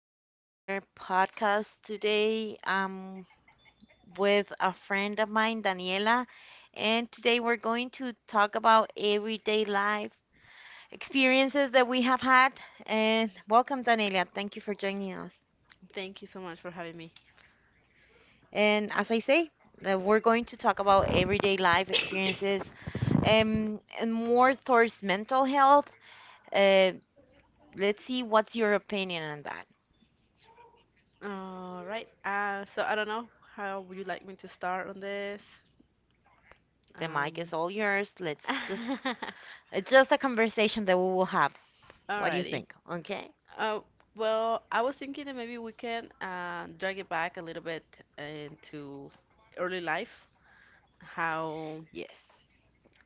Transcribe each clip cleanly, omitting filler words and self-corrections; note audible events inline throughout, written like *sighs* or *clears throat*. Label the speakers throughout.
Speaker 1: to another podcast. Today I'm with a friend of mine, Daniela, and today we're going to talk about everyday life experiences that we have had. And welcome, Daniela. Thank you for joining us.
Speaker 2: Thank you so much for having me.
Speaker 1: And as I say, we're going to talk about everyday life experiences and more towards mental health. Uh, let's see what's your opinion on that.
Speaker 2: All right. So I don't know how would you like me to start on this?
Speaker 1: The mic is
Speaker 2: Um,
Speaker 1: all yours. Let's just
Speaker 2: *laughs*
Speaker 1: it's just a conversation that we will have. What do you
Speaker 2: alrighty.
Speaker 1: think? Okay?
Speaker 2: Uh, well, I was thinking that maybe we can drag it back a little bit into early life, how
Speaker 1: Yes.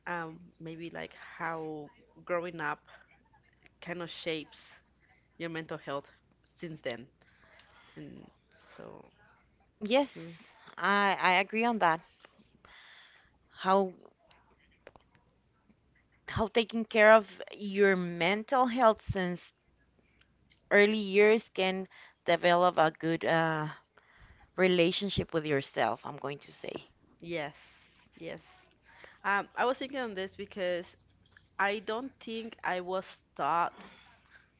Speaker 2: maybe like how growing up kind of shapes your mental health since then. And so,
Speaker 1: Yes.
Speaker 2: mm,
Speaker 1: I agree on that. How how taking care of your mental health since early years can develop a good relationship with yourself, I'm going to say.
Speaker 2: yes, yes. I was thinking on this because I don't think I was taught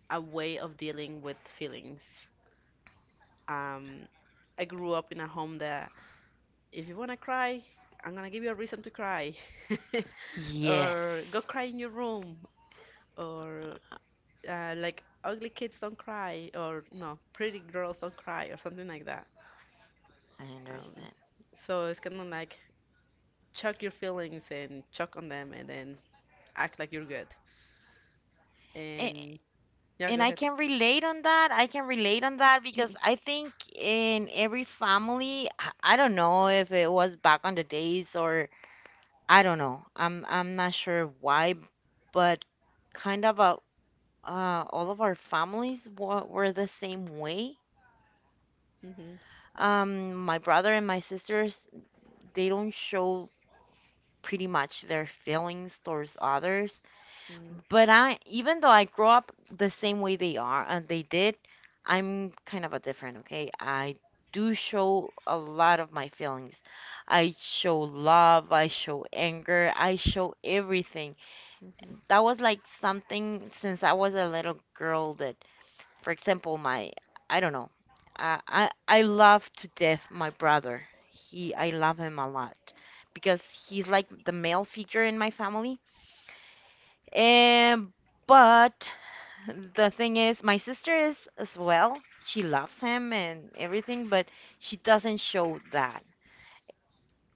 Speaker 2: a way of dealing with feelings. Um, I grew up in a home that if you want to cry, I'm going to give you a reason to cry. *laughs*
Speaker 1: Yes,
Speaker 2: Or go cry in your room. Or like ugly kids don't cry. Or no, pretty girls don't cry. Or something like that.
Speaker 1: I
Speaker 2: Um,
Speaker 1: understand.
Speaker 2: so it's kind of like chuck your feelings and chuck on them and then act like you're good.
Speaker 1: A-
Speaker 2: And yeah, go
Speaker 1: And I
Speaker 2: ahead.
Speaker 1: can relate on that. I can relate on that
Speaker 2: *clears throat* Hmm.
Speaker 1: because I think in every family, I don't know if it was back on the days or I don't know. I'm not sure why, but kind of a, all of our families were the same way. My brother and my sisters, they don't show pretty much their feelings towards others.
Speaker 2: Hmm.
Speaker 1: But I, even though I grew up the same way they are and they did, I'm kind of a different, okay? I do show a lot of my feelings. I show love, I show anger, I show everything that was like something since I was a little girl that, for example, my I don't know. I love to death my brother. He I love him a lot because he's like the male figure in my family. And but the thing is, my sister is as well. She loves him and everything, but she doesn't show that.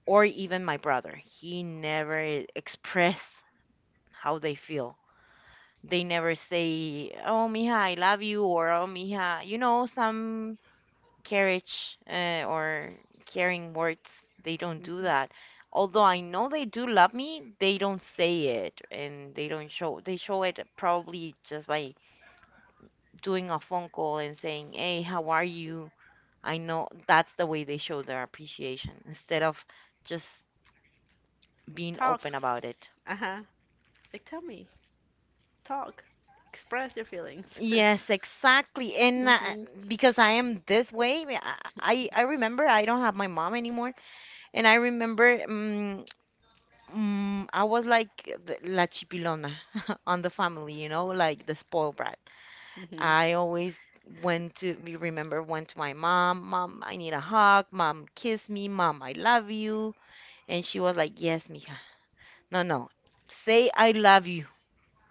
Speaker 1: Or even my brother. He never express how they feel. They never say, "Oh, mija, I love you," or "Oh, mija," you know, some carriage or caring words. They don't do
Speaker 2: Hmm.
Speaker 1: that. Although I know they do love me, they don't say it and they don't show. They show it probably just by doing a phone call and saying, "Hey, how are you?" I know that's the way they show their appreciation instead of just being
Speaker 2: Talk.
Speaker 1: open about it.
Speaker 2: Uh-huh. Like tell me. Talk. Express your feelings. *laughs*
Speaker 1: Yes, exactly. And
Speaker 2: Mhm.
Speaker 1: because I am this way, I remember I don't have my mom anymore, and I remember I was like the, la chipilona *laughs* on the family, you know, like the spoiled brat.
Speaker 2: Mhm.
Speaker 1: I always went to we remember went to my mom, mom, I need a hug, mom, kiss me, mom, I love you, and she was like, yes, mija, no, no, say I love you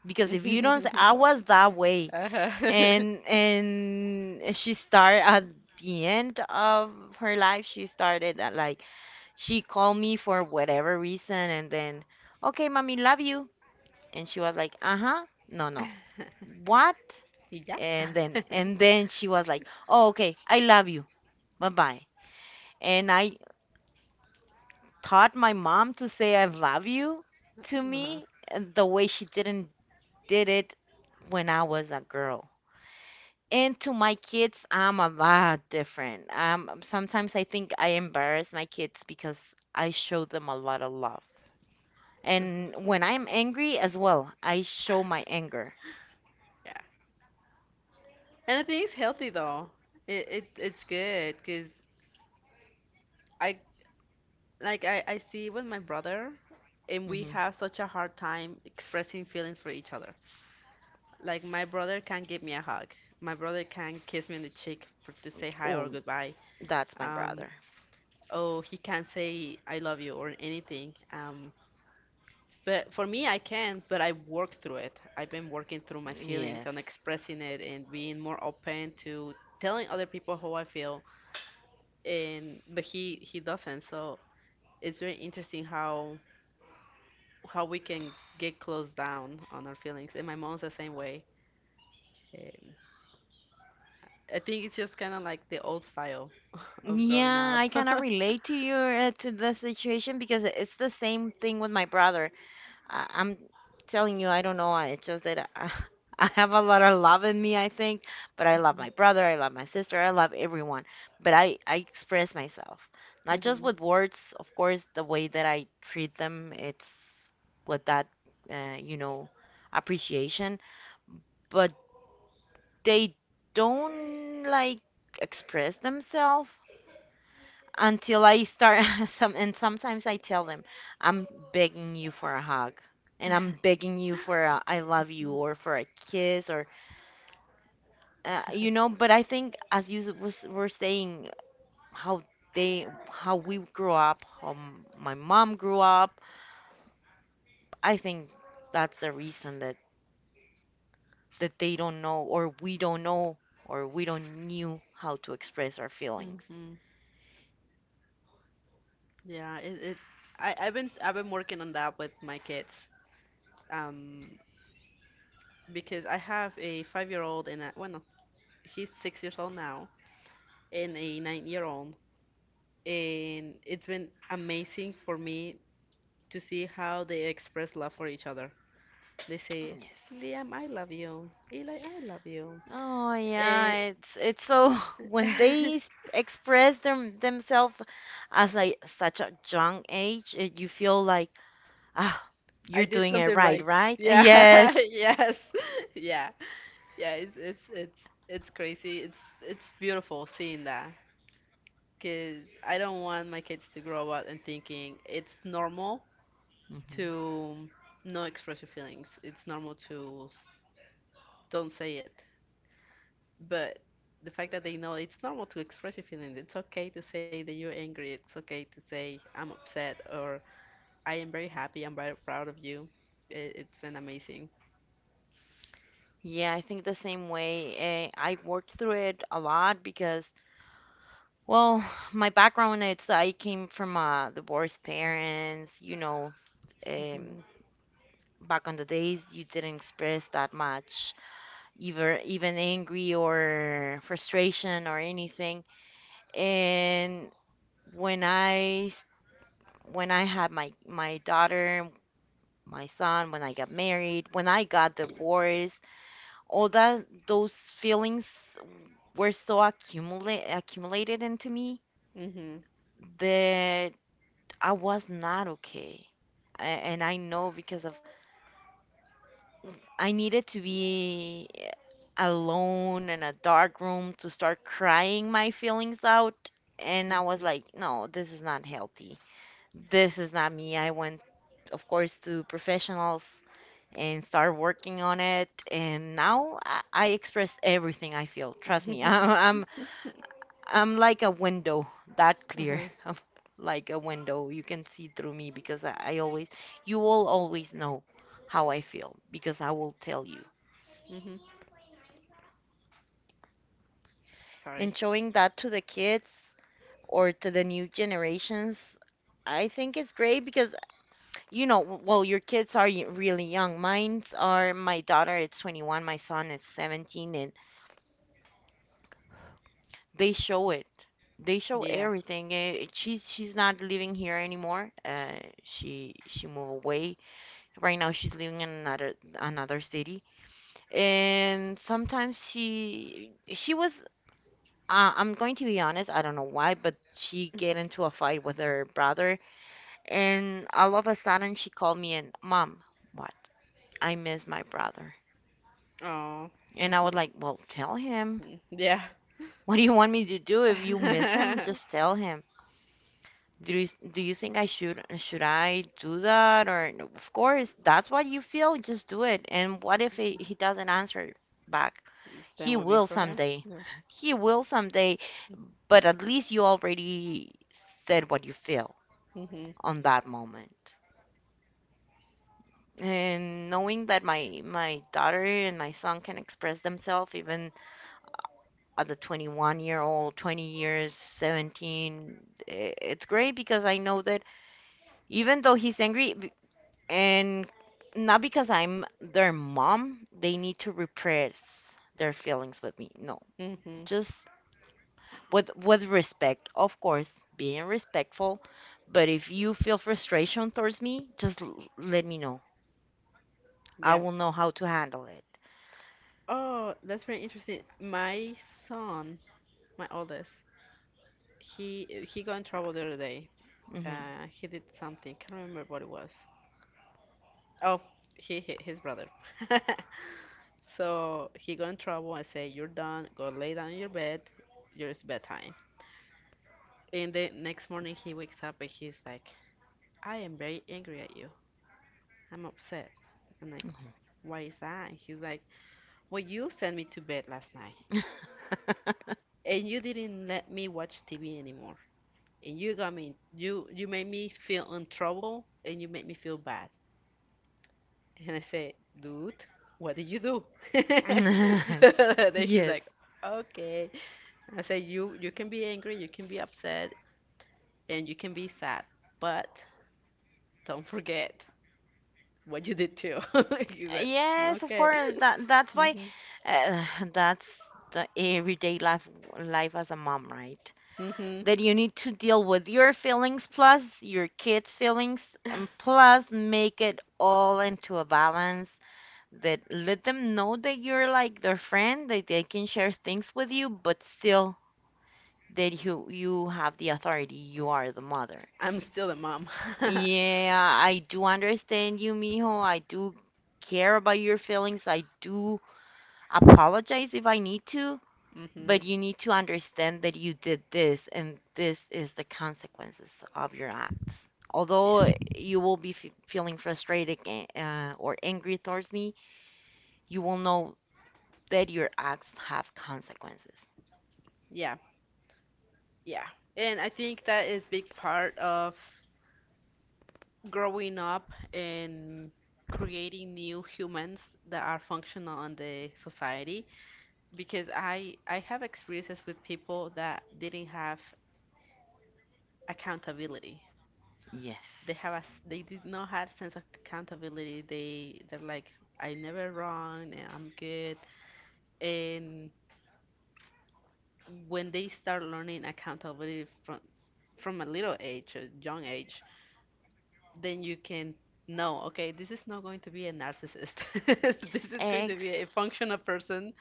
Speaker 1: because if you don't, say, I was that way.
Speaker 2: *laughs* Uh-huh.
Speaker 1: And she started at the end of her life she started at like she called me for whatever reason and then okay mommy love you and she was like uh-huh no no
Speaker 2: *laughs*
Speaker 1: what
Speaker 2: Yeah. *laughs* Uh-huh.
Speaker 1: and then she was like oh okay I love you bye-bye and I taught my mom to say I love you to
Speaker 2: Uh-huh.
Speaker 1: me and the way she didn't did it when I was a girl. And to my kids, I'm a lot different. Sometimes I think I embarrass my kids because I show them a lot of love. And when I'm angry as well, I show my anger.
Speaker 2: Yeah. And I think it's healthy though. It's good because I I see with my brother, and we
Speaker 1: Hmm.
Speaker 2: have such a hard time expressing feelings for each other. Like my brother can't give me a hug. My brother can't kiss me on the cheek to say hi or
Speaker 1: Oh,
Speaker 2: goodbye.
Speaker 1: that's my
Speaker 2: Um,
Speaker 1: brother.
Speaker 2: oh, he can't say I love you or anything. But for me, I can, but I work through it. I've been working through my feelings
Speaker 1: Yes.
Speaker 2: and expressing it and being more open to telling other people how I feel. And but he doesn't. So it's very interesting how we can get closed down on our feelings. And my mom's the same way. And I think it's just kind of like the old style *laughs* of growing
Speaker 1: Yeah,
Speaker 2: up.
Speaker 1: I kind
Speaker 2: *laughs*
Speaker 1: of relate to your to the situation because it's the same thing with my brother. I'm telling you, I don't know. I it's just that I, *laughs* I have a lot of love in me, I think. But I love my brother, I love my sister, I love everyone. But I express myself, not just
Speaker 2: Mhm.
Speaker 1: with words. Of course, the way that I treat them, it's with that, you know, appreciation. But they don't like express themselves until I start *laughs* some and sometimes I tell them, I'm begging you for a hug and I'm begging you for a I love you or for a kiss or you know, but I think as you were saying how they how we grew up, how my mom grew up, I think that's the reason that that they don't know or we don't know or we don't knew how to express our feelings.
Speaker 2: Mhm. Yeah, it I, I've been working on that with my kids. Um, because I have a 5-year old and a well, no, he's 6 years old now, and a 9-year old, and it's been amazing for me to see how they express love for each other. They say,
Speaker 1: Yes.
Speaker 2: Liam, I love you. Eli, I love you.
Speaker 1: Oh yeah,
Speaker 2: Eh,
Speaker 1: it's so *laughs* when they s-
Speaker 2: *laughs*
Speaker 1: express them themselves as like such a young age, it, you feel like ah,
Speaker 2: I
Speaker 1: you're
Speaker 2: did
Speaker 1: doing it
Speaker 2: something
Speaker 1: right,
Speaker 2: right.
Speaker 1: right? *laughs*
Speaker 2: Yeah,
Speaker 1: Yes.
Speaker 2: *laughs* yes. *laughs* Yeah. Yeah, it's crazy. It's beautiful seeing that. Because I don't want my kids to grow up and thinking it's normal
Speaker 1: Mhm.
Speaker 2: to not express your feelings. It's normal to don't say it. But the fact that they know it's normal to express your feelings, it's okay to say that you're angry, it's okay to say I'm upset or I am very happy, I'm very proud of you. It's been amazing.
Speaker 1: Yeah, I think the same way. I worked through it a lot because, well, my background it's I came from divorced parents. You know, um,
Speaker 2: Hmm.
Speaker 1: back on the days you didn't express that much either even angry or frustration or anything. And when I when I had my daughter, my son, when I got married, when I got divorced, all that those feelings were so accumulated into me
Speaker 2: Hmm.
Speaker 1: that I was not okay. And I know because of I needed to be alone in a dark room to start crying my feelings out. And I was
Speaker 2: Hmm.
Speaker 1: like, no, this is not healthy. This is not me. I went, of course, to professionals and start working on it. And now I express everything I feel. Trust me, *laughs*
Speaker 2: *laughs*
Speaker 1: I'm like a window, that clear.
Speaker 2: Uh-huh.
Speaker 1: *laughs* I'm like a window. You can see through me because I always, you will always know how I feel because I will tell you.
Speaker 2: hmm Sorry.
Speaker 1: And showing that to the kids or to the new generations I think it's great because you know w- well your kids are y- really young mine's are my daughter is 21 my son is 17 and they show it they show
Speaker 2: Yeah.
Speaker 1: everything. Eh, she's not living here anymore she moved away right now she's living in another another city and sometimes she was I'm going to be honest, I don't know why, but she get into a fight with her brother, and all of a sudden she called me and, Mom, what? I miss my brother.
Speaker 2: Oh.
Speaker 1: And I was
Speaker 2: hmm
Speaker 1: like, well, tell him.
Speaker 2: Yeah.
Speaker 1: What do you want me to do? If you miss him,
Speaker 2: *laughs*
Speaker 1: just tell him. Do you think I should I do that or no, of course that's what you feel, just do it. And what if he doesn't answer back?
Speaker 2: That
Speaker 1: He
Speaker 2: would be
Speaker 1: will
Speaker 2: for him.
Speaker 1: someday.
Speaker 2: Yeah.
Speaker 1: *laughs* He will someday, but at least you already said what you feel
Speaker 2: Mhm.
Speaker 1: on that moment. And knowing that my daughter and my son can express themselves even at the 21-year-old, 20 years, 17, it's great because I know that even though he's angry and not because I'm their mom, they need to repress their feelings with me. No,
Speaker 2: Mhm.
Speaker 1: just with respect, of course, being respectful. But if you feel frustration towards me, just let me know. I
Speaker 2: Yeah.
Speaker 1: will know how to handle it.
Speaker 2: Oh, that's very interesting. My son, my oldest, he got in trouble the other day. He did something. Can't remember what it was. Oh, he hit his brother. *laughs* So he got in trouble. I say, "You're done. Go lay down in your bed. It's bedtime." And the next morning he wakes up and he's like, "I am very angry at you. I'm upset." I'm like,
Speaker 1: Mm-hmm.
Speaker 2: "Why is that?" And he's like, "Well, you sent me to bed last night, and you didn't let me watch TV anymore. And you got me, you made me feel in trouble, and you made me feel bad." And I say, dude, what did you do? *laughs*
Speaker 1: Yes.
Speaker 2: So
Speaker 1: *laughs*
Speaker 2: then she's
Speaker 1: Yes.
Speaker 2: like, okay. I say, you can be angry, you can be upset, and you can be sad, but don't forget what you did too. *laughs* She's like,
Speaker 1: Yes, of
Speaker 2: okay.
Speaker 1: course. That
Speaker 2: *laughs*
Speaker 1: that's why
Speaker 2: hmm
Speaker 1: uh, *sighs* that's the everyday life as a mom, right?
Speaker 2: hmm
Speaker 1: That you need to deal with your feelings plus your kids' feelings and plus make it all into a balance that let them know that you're like their friend, that they can share things with you, but still that you have the authority, you are the mother.
Speaker 2: I'm still a mom.
Speaker 1: Yeah, I do understand you, mijo. I do care about your feelings. I do apologize if I need to,
Speaker 2: *laughs* hmm
Speaker 1: but you need to understand that you did this and this is the consequences of your acts.
Speaker 2: Yeah.
Speaker 1: Although you will be f feeling frustrated or angry towards me, you will know that your acts have consequences.
Speaker 2: Yeah. Yeah, and I think that is big part of growing up and creating new humans that are functional in the society, because I have experiences with people that didn't have accountability.
Speaker 1: Yes.
Speaker 2: They have they did not have sense of accountability. They're like I never wrong and I'm good. And when they start learning accountability from a little age, a young age, then you can know, okay, this is not going to be a narcissist. *laughs* This is going to be a functional person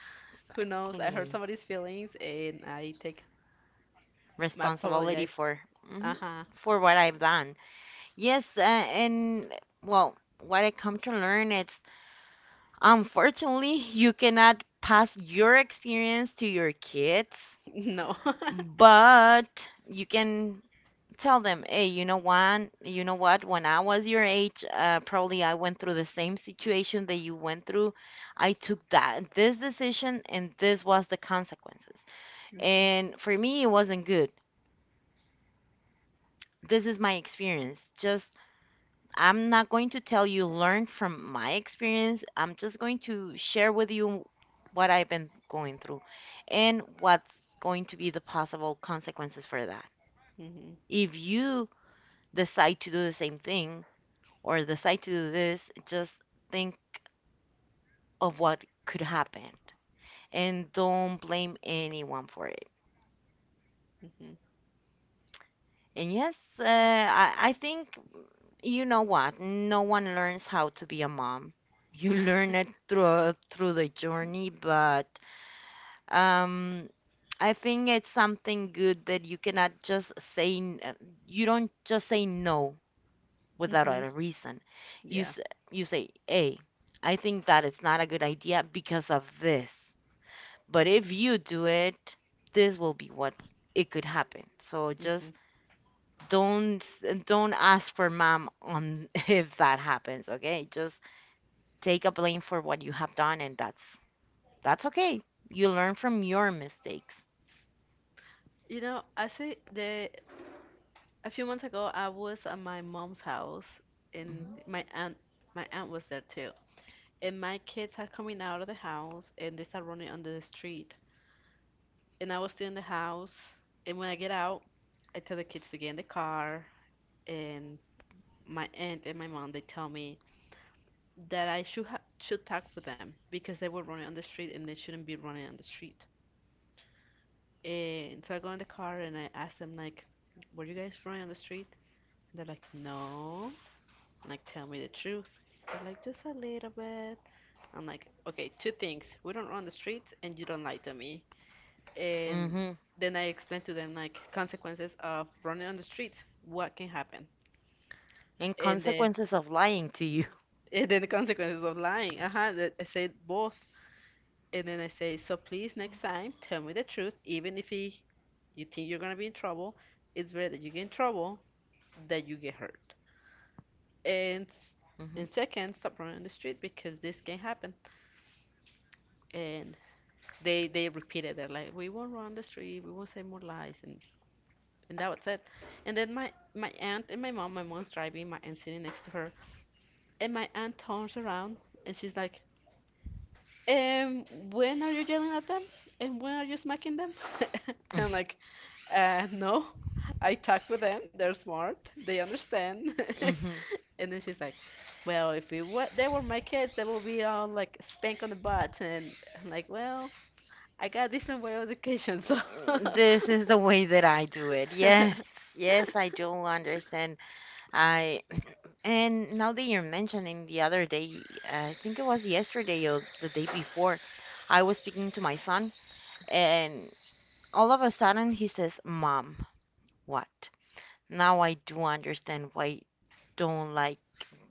Speaker 2: who knows I hurt
Speaker 1: Exactly.
Speaker 2: somebody's feelings and I take my
Speaker 1: Responsibility
Speaker 2: apologize.
Speaker 1: for mhm,
Speaker 2: Uh-huh.
Speaker 1: for what I've done. Yes, and well, what I come to learn is unfortunately you cannot pass your experience to your kids,
Speaker 2: *laughs* No. *laughs*
Speaker 1: but you can tell them, hey, you know what, when I was your age, probably I went through the same situation that you went through. I took that this decision and this was the consequences. And for me, it wasn't good. This is my experience. Just I'm not going to tell you learn from my experience. I'm just going to share with you what I've been going through and what's going to be the possible consequences for that.
Speaker 2: Hmm.
Speaker 1: If you decide to do the same thing or decide to do this, just think of what could happen and don't blame anyone for it.
Speaker 2: Hmm.
Speaker 1: And yes, I think you know what? No one learns how to be a mom you learn it through the journey, but Um, I think it's something good that you cannot just say, you don't just say no without
Speaker 2: Hmm.
Speaker 1: a reason. You
Speaker 2: Yeah.
Speaker 1: you say, "Hey, I think that it's not a good idea because of this. But
Speaker 2: hmm
Speaker 1: if you do it, this will be what it could happen." So
Speaker 2: hmm
Speaker 1: just don't ask for mom on *laughs* if that happens, okay? Just take a blame for what you have done and that's okay. You learn from your mistakes.
Speaker 2: You know, I see the a few months ago I was at my mom's house, and
Speaker 1: Hmm
Speaker 2: my aunt was there too. And my kids are coming out of the house and they start running on the street. And I was still in the house. And when I get out, I tell the kids to get in the car. And my aunt and my mom they tell me that I should should talk with them because they were running on the street and they shouldn't be running on the street. And so I go in the car and I ask them like, "Were you guys running on the street?" And they're like, "No." I'm like, "Tell me the truth." They're like, "Just a little bit." I'm like, "Okay, two things. We don't run on the streets, and you don't lie to me." And
Speaker 1: hmm
Speaker 2: then I explained to them like consequences of running on the street, what can happen,
Speaker 1: and
Speaker 2: and then
Speaker 1: consequences of lying to you.
Speaker 2: *laughs* and then the consequences of lying. Uh-huh, I said both, and then I say, so please next time tell me the truth, even if he, you think you're gonna be in trouble, it's better that you get in trouble that you get hurt. And s- and
Speaker 1: *laughs*
Speaker 2: second, stop running on the street because this can happen. And they repeated that like we won't run the street, we won't say more lies, and that was it. And then my aunt and my mom, my mom's driving, my aunt sitting next to her, and my aunt turns around and she's like, "Um, when are you yelling at them? And when are you smacking them?" *laughs* And I'm
Speaker 1: Mhm.
Speaker 2: like, No, I talk with them. They're smart. They understand." *laughs*
Speaker 1: Mhm.
Speaker 2: And then she's like, "Well, if it were, they were my kids, they would be all like spank on the butt." And I'm like, "Well, I got a different way of education, so
Speaker 1: Mm,
Speaker 2: *laughs*
Speaker 1: this is the way that I do it. Yes. Yes, I do understand. I and now that you're mentioning the other day, I think it was yesterday or the day before, I was speaking to my son and all of a sudden he says, "Mom, what?" Now I do understand why don't like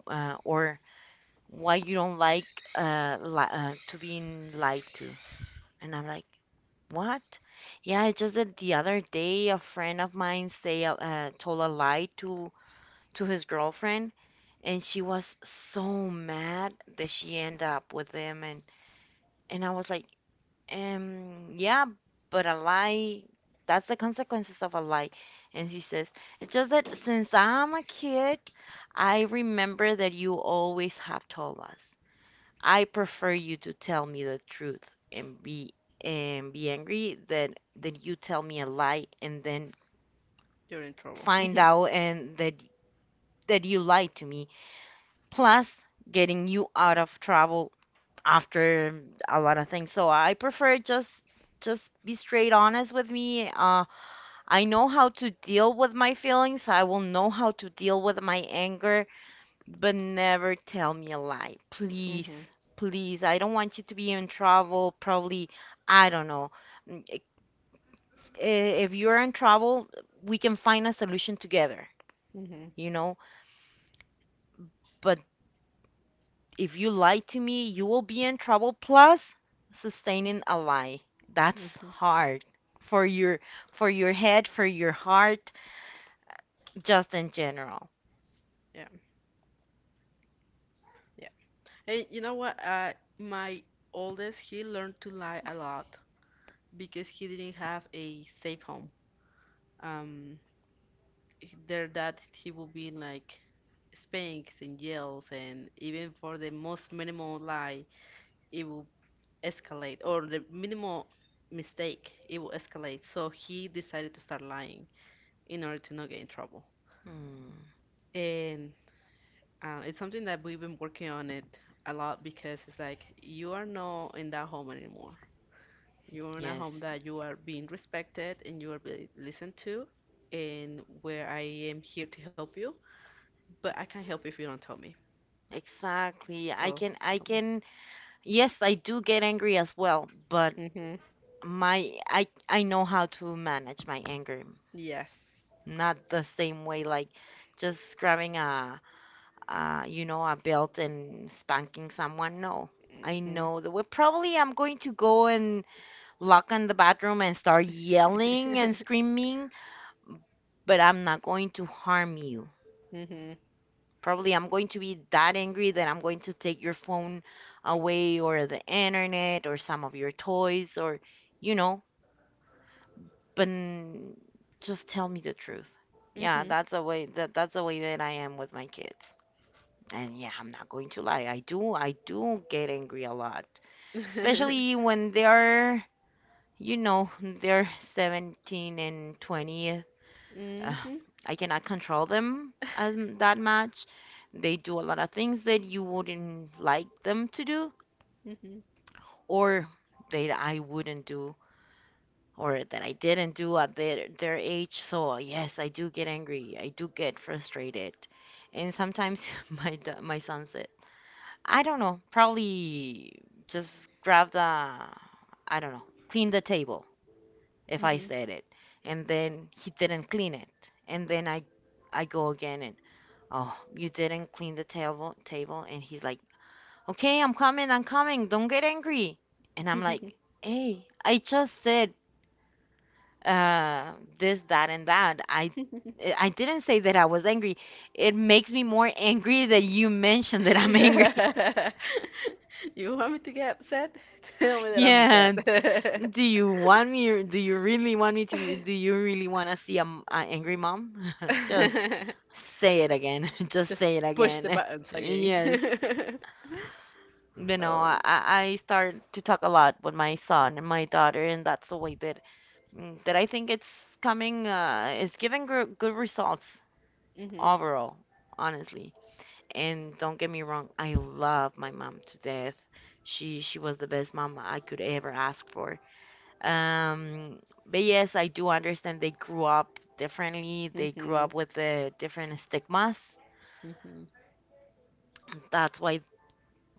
Speaker 1: or why you don't like li to being lied to. And I'm like, what? Yeah, it's just that the other day a friend of mine told a lie to his girlfriend, and she was so mad that she ended up with him. And I was like, yeah, but a lie, that's the consequences of a lie. And she says, it's just that since I'm a kid, I remember that you always have told us. I prefer you to tell me the truth and be angry than you tell me a lie and then
Speaker 2: you're in trouble."
Speaker 1: find
Speaker 2: *laughs*
Speaker 1: out and that you lied to me. Plus getting you out of trouble after a lot of things. So I prefer just be straight honest with me. I know how to deal with my feelings. I will know how to deal with my anger. But never tell me a lie, please.
Speaker 2: Hmm.
Speaker 1: Please, I don't want you to be in trouble. Probably, I don't know. Mm, i- If you're in trouble, we can find a solution together,
Speaker 2: Hmm.
Speaker 1: you know? But if you lie to me, you will be in trouble plus sustaining a lie. That's
Speaker 2: Mhm.
Speaker 1: hard for your for your head, for your heart, just in general.
Speaker 2: Yeah, yeah. Hey, you know what? My oldest, he learned to lie a lot because he didn't have a safe home. Um, their dad, he would be in like spanks and yells, and even for the most minimal lie, it will escalate, or the minimal mistake, it will escalate. So he decided to start lying in order to not get in trouble.
Speaker 1: Mm,
Speaker 2: And it's something that we've been working on it a lot because it's like you are not in that home anymore. You're in a
Speaker 1: yes,
Speaker 2: home that you are being respected and you are being listened to, and where I am here to help you, but I can't help if you don't tell me.
Speaker 1: exactly. I
Speaker 2: So
Speaker 1: can I
Speaker 2: tell
Speaker 1: can yes, I do get angry as well, but
Speaker 2: me. Mm-hmm.
Speaker 1: my I know how to manage my anger.
Speaker 2: Yes.
Speaker 1: Not the same way like just grabbing a you know a belt and spanking someone. No. I
Speaker 2: Mm-hmm.
Speaker 1: know the way. Probably I'm going to go and lock on the bathroom and start yelling and
Speaker 2: *laughs*
Speaker 1: screaming, but I'm not going to harm you.
Speaker 2: Mm-hmm.
Speaker 1: Probably I'm going to be that angry that I'm going to take your phone away or the internet or some of your toys or you know but just tell me the truth. Yeah,
Speaker 2: Mm-hmm.
Speaker 1: that's the way that I am with my kids. And yeah, I'm not going to lie. I do get angry a lot.
Speaker 2: *laughs*
Speaker 1: Especially when they are, you know, they're 17 and 20. Uh,
Speaker 2: Mm-hmm.
Speaker 1: I cannot control them that much. They do a lot of things that you wouldn't like them to do
Speaker 2: Mhm,
Speaker 1: or that I wouldn't do or that I didn't do at their age. So yes, I do get angry. I do get frustrated, and sometimes *laughs* my son said, "I don't know, probably just grab the, I don't know, clean the table." If I
Speaker 2: mhm.
Speaker 1: said it, and then he didn't clean it, and then I go again and oh, you didn't clean the table, and he's like, "Okay, I'm coming, I'm coming. Don't get angry." And I'm like, "Hey, I just said uh, this, that, and that. I didn't say that I was angry. It makes me more angry that you mentioned that I'm angry. *laughs*
Speaker 2: *laughs* You want me to get upset? *laughs* Tell me that I'm
Speaker 1: Yeah.
Speaker 2: upset.
Speaker 1: Do you want me? Or- Do you really want me to? Do you really want to see an angry mom? *laughs* Just
Speaker 2: *laughs*
Speaker 1: say it again. *laughs* Just
Speaker 2: Just
Speaker 1: say it
Speaker 2: push the
Speaker 1: again. *laughs*
Speaker 2: buttons again.
Speaker 1: Yes.
Speaker 2: *laughs*
Speaker 1: You know,
Speaker 2: Oh.
Speaker 1: I start to talk a lot with my son and my daughter, and that's the way that that I think it's coming. It's giving gr good results.
Speaker 2: Mhm.
Speaker 1: Overall, honestly. And don't get me wrong, I love my mom to death. She was the best mom I could ever ask for. Um, but yes, I do understand they grew up differently. They grew
Speaker 2: Mhm.
Speaker 1: up with the different stigmas.
Speaker 2: Mhm.
Speaker 1: That's why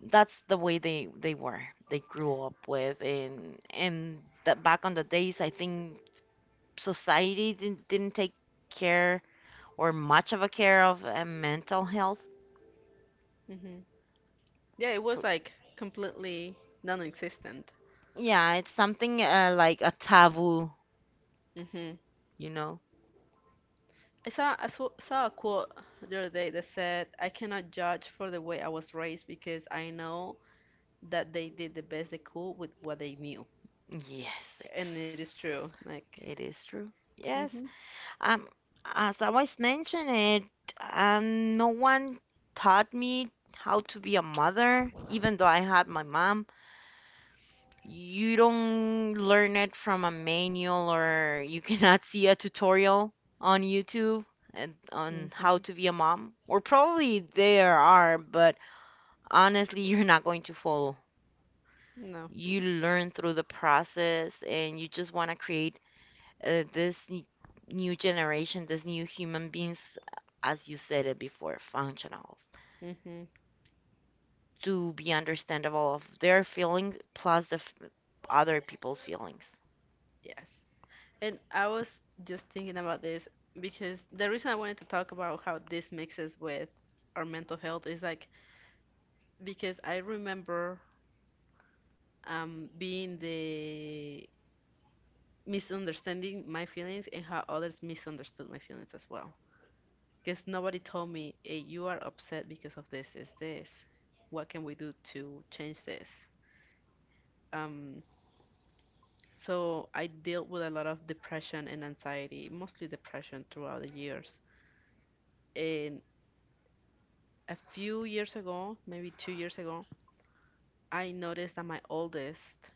Speaker 1: that's the way they were. They grew up with and the, back on the days, I think society didn't take care or much of a care of mental health.
Speaker 2: Mhm. *laughs* Yeah, it was
Speaker 1: So
Speaker 2: like completely non-existent.
Speaker 1: yeah, it's something like a taboo,
Speaker 2: Mhm.
Speaker 1: you know?
Speaker 2: I saw a quote the other day that said, "I cannot judge for the way I was raised because I know that they did the best they could with what they knew."
Speaker 1: Yes, ex
Speaker 2: And it is true. Like,
Speaker 1: it is true. Yes.
Speaker 2: mhm.
Speaker 1: Um, as I was mentioning it, no one taught me how to be a mother, even though I had my mom. You don't learn it from a manual or you *laughs* cannot see a tutorial on YouTube and on how
Speaker 2: Mhm.
Speaker 1: to be a mom. Or probably there are, but honestly, *laughs* you're not going to follow.
Speaker 2: No.
Speaker 1: You learn through the process and you just want to create uh, this n- new generation, this new human beings, as you said it before, functionals,
Speaker 2: Mhm.
Speaker 1: to be understandable of their feelings plus other people's feelings.
Speaker 2: Yes. And I was just thinking about this because the reason I wanted to talk about how this mixes with our mental health is like because I remember being the misunderstanding my feelings and how others misunderstood my feelings as well. Because nobody told me, hey, you are upset because of this, this, this. What can we do to change this? Um, so I dealt with a lot of depression and anxiety, mostly depression throughout the years. And. A few years ago, maybe 2 years ago, I noticed that my oldest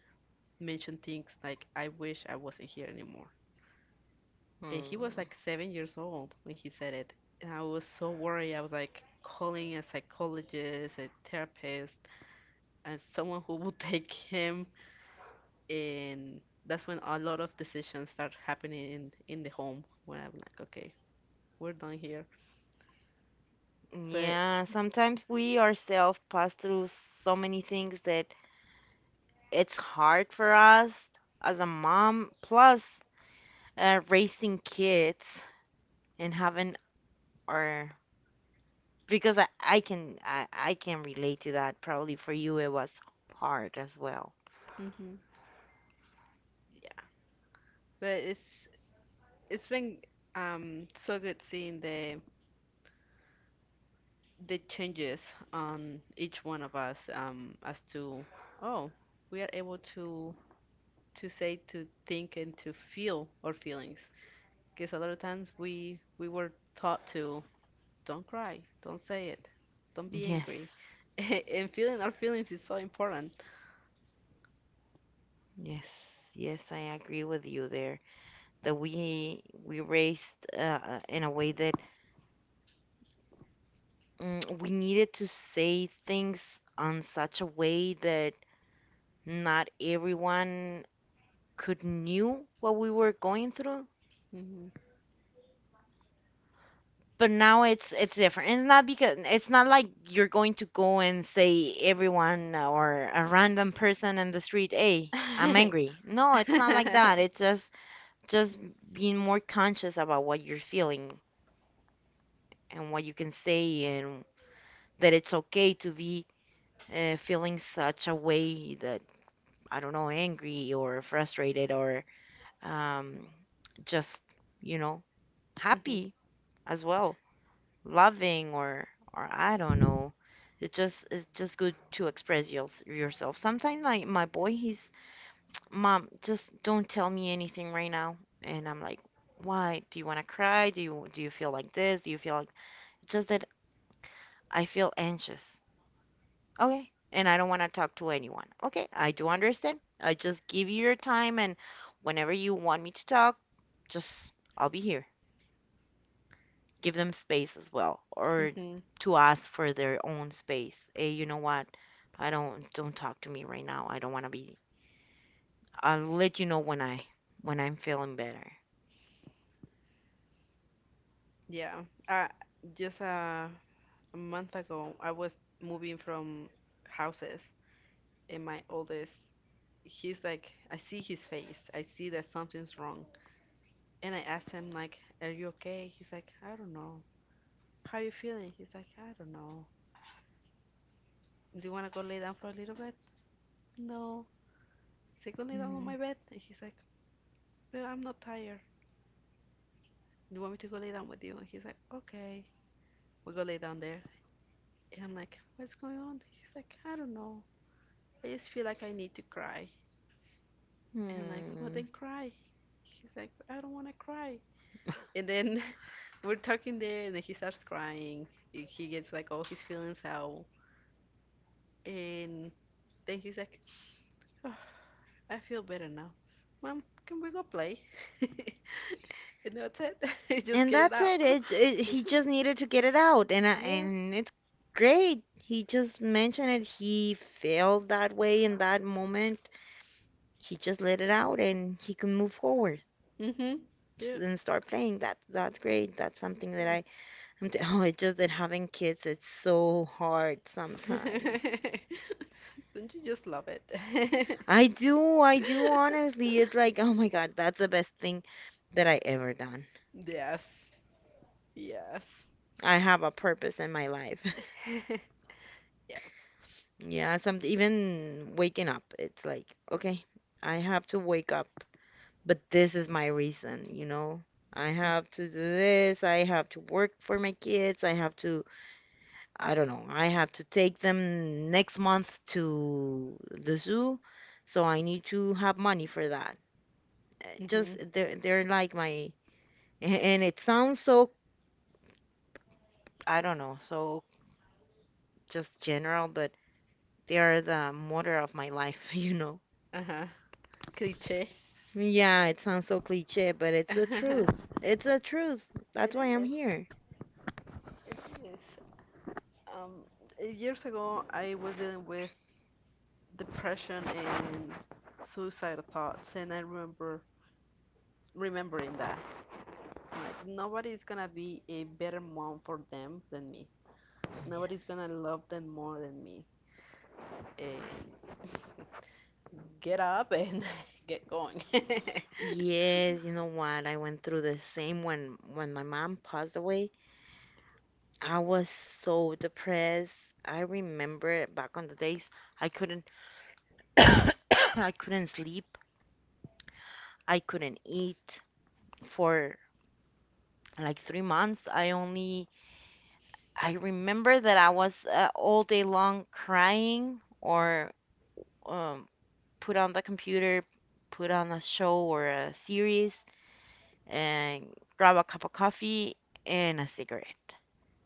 Speaker 2: mentioned things like, I wish I wasn't here anymore. And he was
Speaker 1: Hmm.
Speaker 2: like 7 years old when he said it. And I was so worried. I was like calling a psychologist, a therapist, and someone who would *laughs* take him. And that's when a lot of decisions start happening in the home, when I'm like, okay, we're done here. But,
Speaker 1: Yeah, sometimes we ourselves pass through so many things that it's hard for us as a mom, plus raising kids and having our because I can relate to that. Probably for you it was hard as well.
Speaker 2: hmm yeah. But it's been so good seeing the changes on each one of us, as to oh we are able to say, to think, and to feel our feelings, because a lot of times we were taught to don't cry, don't say it, don't be
Speaker 1: Yes,
Speaker 2: angry *laughs* and feeling our feelings is so important.
Speaker 1: yes, yes. I agree with you there. That we raised in a way that we needed to say things on such a way that not everyone could knew what we were going through,
Speaker 2: hmm
Speaker 1: but now it's different. It's not because it's not like you're going to go and say everyone or a random person in the street, "Hey, I'm
Speaker 2: *laughs*
Speaker 1: angry." No, it's not like that. It's just being more conscious about what you're feeling and what you can say and that it's okay to be feeling such a way that I don't know, angry or frustrated or um, just, you know,
Speaker 2: hmm
Speaker 1: happy as well. Loving or I don't know. It's just good to express yourself. Sometimes my boy he's mom just don't tell me anything right now, and I'm like, why? Do you want to cry? Do you feel like this? Do you feel like just that I feel anxious. Okay. And I don't want to talk to anyone. Okay, I do understand. I just give you your time and whenever you want me to talk, just I'll be here. Give them space as well or
Speaker 2: hmm
Speaker 1: to ask for their own space. Hey, you know what, I don't talk to me right now, I don't want to be, I'll let you know when I'm feeling better.
Speaker 2: yeah. uh, just a month ago I was moving from houses and my oldest, he's like, I see his face. I see that something's wrong. And I asked him like, "Are you okay?" He's like, "I don't know." "How you feeling?" He's like, "I don't know." "Do you want to go lay down for a little bit?" "No." "Say go lay down on
Speaker 1: Mhm.
Speaker 2: my bed." And he's like, "But I'm not tired. Do you want me to go lay down with you?" And he's like, "Okay." We go lay down there. And I'm like, "What's going on?" He's like, "I don't know. I just feel like I need to cry." And I'm like, "Well
Speaker 1: Hmm.
Speaker 2: then cry." He's like, "I don't want to cry." And then *laughs* we're talking there, and then he starts crying. He gets like all his feelings out. And then he's like, oh, I feel better now. Mom, can we go play? *laughs* And that's it. *laughs* You just
Speaker 1: And
Speaker 2: get it
Speaker 1: that's
Speaker 2: out.
Speaker 1: it.
Speaker 2: *laughs*
Speaker 1: He just needed to get it out and I,
Speaker 2: Yeah.
Speaker 1: and it's great he just mentioned it, he felt that way in that moment, he just let it out and he can move forward
Speaker 2: Mm-hmm. Yeah.
Speaker 1: and start playing. That that's great. That's something that
Speaker 2: Mm.
Speaker 1: *laughs* oh, it's just that having kids it's so hard sometimes.
Speaker 2: *laughs* Don't you just love it? *laughs*
Speaker 1: I do honestly. It's like, oh my God, that's the best thing that I ever done.
Speaker 2: Yes. Yes.
Speaker 1: I have a purpose in my life. *laughs*
Speaker 2: *laughs* Yeah.
Speaker 1: Yeah, some even waking up, it's like, okay, I have to wake up, but this is my reason, you know? I have to do this, I have to work for my kids, I have to I don't know. I have to take them next month to the zoo, so I need to have money for that.
Speaker 2: Mm-hmm.
Speaker 1: Just they're like my and it sounds so I don't know, so just general, but they are the motor of my life, *laughs* you know.
Speaker 2: Uh-huh. Cliché.
Speaker 1: Yeah, it sounds so cliche, but it's the truth.
Speaker 2: *laughs*
Speaker 1: It's the truth. That's
Speaker 2: It
Speaker 1: why I'm
Speaker 2: is.
Speaker 1: here.
Speaker 2: It is. Um, Years ago, I was dealing with depression and suicidal thoughts, and I remember remembering that. Like, nobody's gonna be a better mom for them than me.
Speaker 1: Yes.
Speaker 2: Nobody's gonna love them more than me. And *laughs* get up and *laughs* get going. *laughs*
Speaker 1: Yes, you know what? I went through the same when my mom passed away. I was so depressed. I remember back on the days I couldn't *coughs* I couldn't sleep. I couldn't eat for like 3 months. I remember that I was all day long crying or um put on the computer, put on a show or a series and grab a cup of coffee and a cigarette.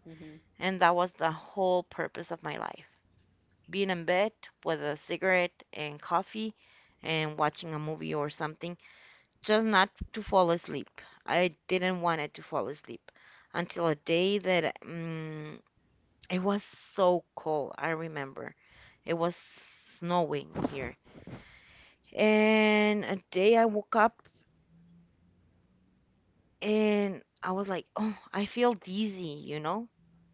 Speaker 2: hmm
Speaker 1: And that was the whole purpose of my life. Being in bed with a cigarette and coffee and watching a movie or something, just not to fall asleep. I didn't want it to fall asleep until a day that it was so cold. I remember it was snowing here, and a day I woke up and I was like, oh, I feel dizzy, you know?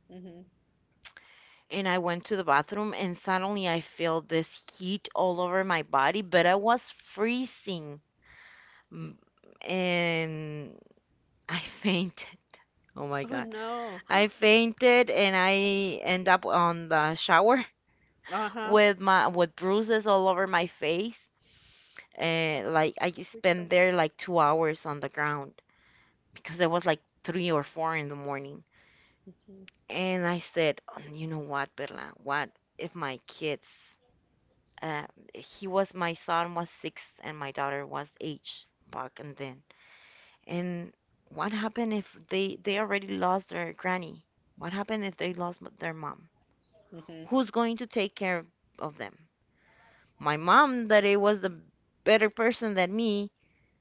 Speaker 2: hmm
Speaker 1: And I went to the bathroom and suddenly I felt this heat all over my body, but I was freezing. Mm, and I *laughs* fainted. Oh my
Speaker 2: Oh
Speaker 1: God.
Speaker 2: no.
Speaker 1: I
Speaker 2: *gasps*
Speaker 1: fainted and I end up on the shower
Speaker 2: Uh-huh.
Speaker 1: with my with bruises all over my face. And like I just spent there like 2 hours on the ground because it was like three or four in the morning.
Speaker 2: hmm
Speaker 1: And I said, "Oh, you know what, Berla? What if my kids? Uh, he was my son was six and my daughter was eight back and then. And what happened if they already lost their granny? What happened if they lost their mom?
Speaker 2: hmm
Speaker 1: Who's going to take care of them? My mom, that it was the better person than me,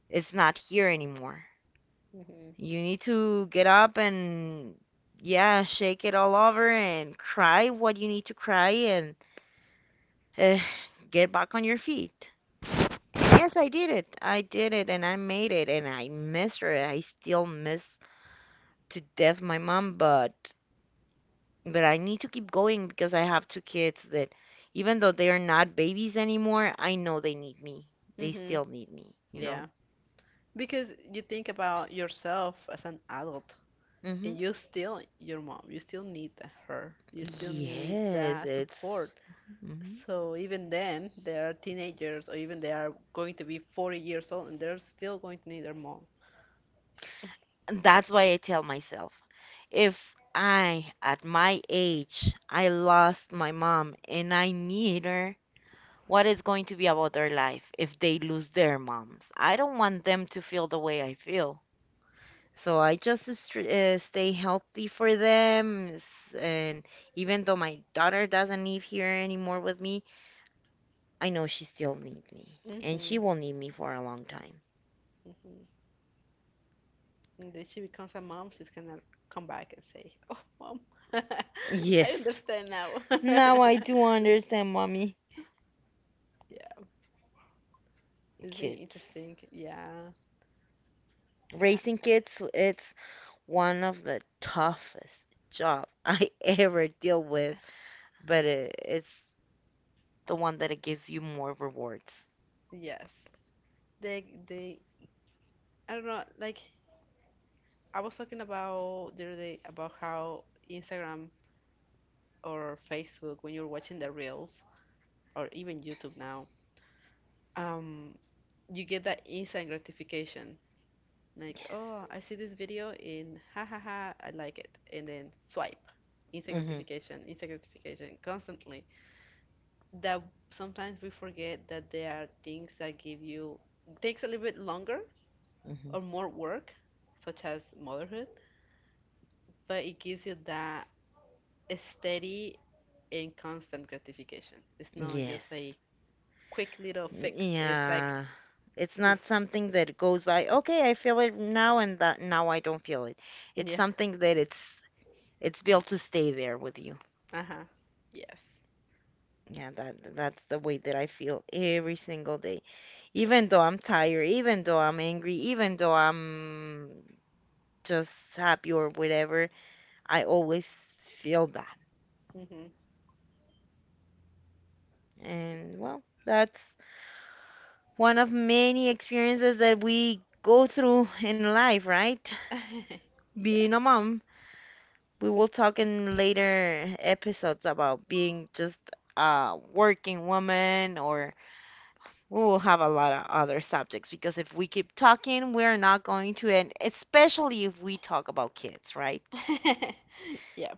Speaker 1: is not here anymore.
Speaker 2: hmm
Speaker 1: You need to get up and yeah, shake it all over and cry what you need to cry and eh, get back on your feet. And yes, I did it. I did it and I made it and I miss her. I still miss to death my mom, but I need to keep going because I have two kids that, even though they are not babies anymore, I know they need me. They
Speaker 2: hmm
Speaker 1: still need me, you
Speaker 2: Yeah.
Speaker 1: know?
Speaker 2: Because you think about yourself as an adult
Speaker 1: Hmm
Speaker 2: and you still your mom, you still need her, you still need
Speaker 1: Yes,
Speaker 2: that support,
Speaker 1: it's. Hmm
Speaker 2: so even then they are teenagers or even they are going to be 40 years old and they're still going to need their mom.
Speaker 1: That's why I tell myself if I, at my age, I lost my mom and I need her, what is going to be about their life if they lose their moms? I don't want them to feel the way I feel. So I just stay healthy for them. And even though my daughter doesn't live here anymore with me, I know she still needs me. And
Speaker 2: Mm-hmm,
Speaker 1: she will need me for a long time.
Speaker 2: mm-hmm. And then she becomes a mom, she's gonna come back and say, oh mom, *laughs* I
Speaker 1: Yes.
Speaker 2: understand now.
Speaker 1: Now I
Speaker 2: *laughs*
Speaker 1: do understand, mommy.
Speaker 2: Yeah, it's very
Speaker 1: Kids.
Speaker 2: interesting, yeah. I-
Speaker 1: Raising kids, it's one of the toughest job *laughs* I ever deal with, but it's the one that it gives you more rewards.
Speaker 2: yes, they I don't know, like I was talking about the other day about how Instagram or Facebook, when you're watching the reels or even YouTube now, um, you get that instant gratification. Like,
Speaker 1: Yes.
Speaker 2: oh, I see this video and ha ha ha, I like it. And then swipe.
Speaker 1: Mm-hmm.
Speaker 2: Instant gratification, constantly. That sometimes we forget that there are things that give you, takes a little bit longer
Speaker 1: Mm-hmm.
Speaker 2: or more work, such as motherhood, but it gives you that steady and constant gratification. It's not
Speaker 1: Yes.
Speaker 2: just a quick little fix. It's like
Speaker 1: Yeah. It's
Speaker 2: poof.
Speaker 1: not something that goes by, okay, I feel it now and that now I don't feel it. It's
Speaker 2: Yeah.
Speaker 1: something that it's built to stay there with you.
Speaker 2: Uh-huh. Yes.
Speaker 1: Yeah, that that's the way that I feel every single day. Even though I'm tired, even though I'm angry, even though I'm just happy or whatever, I always feel that.
Speaker 2: Mm-hmm.
Speaker 1: And well, that's one of many experiences that we go through in life, right?
Speaker 2: *laughs*
Speaker 1: *laughs* Being
Speaker 2: Yes.
Speaker 1: a mom. We will talk in later episodes about being just a working woman, or we will have a lot of other subjects because if we keep talking, we're not going to end, especially if we talk about kids, right?
Speaker 2: *laughs* Yeah.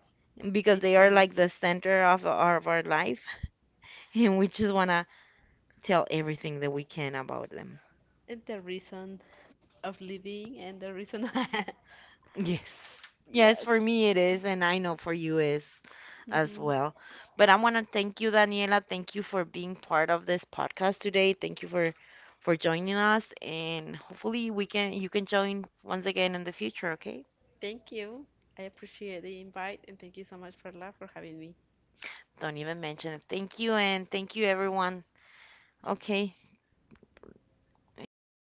Speaker 1: Because they are
Speaker 2: Eternal.
Speaker 1: like the center of our life, *laughs* and we just want to tell everything that we can about them.
Speaker 2: And the reason of living and the reason. *laughs*
Speaker 1: Yes. Yes, for
Speaker 2: Yes.
Speaker 1: me it is, and I know for you is as
Speaker 2: Mm-hmm.
Speaker 1: well. But I want to thank you, Daniela. Thank you for being part of this podcast today. Thank you for joining us, and hopefully we can you can join once again in the future, okay?
Speaker 2: Thank you. I appreciate the invite and thank you so much for love for having me.
Speaker 1: Don't even mention it. Thank you, and thank you everyone. Okay. And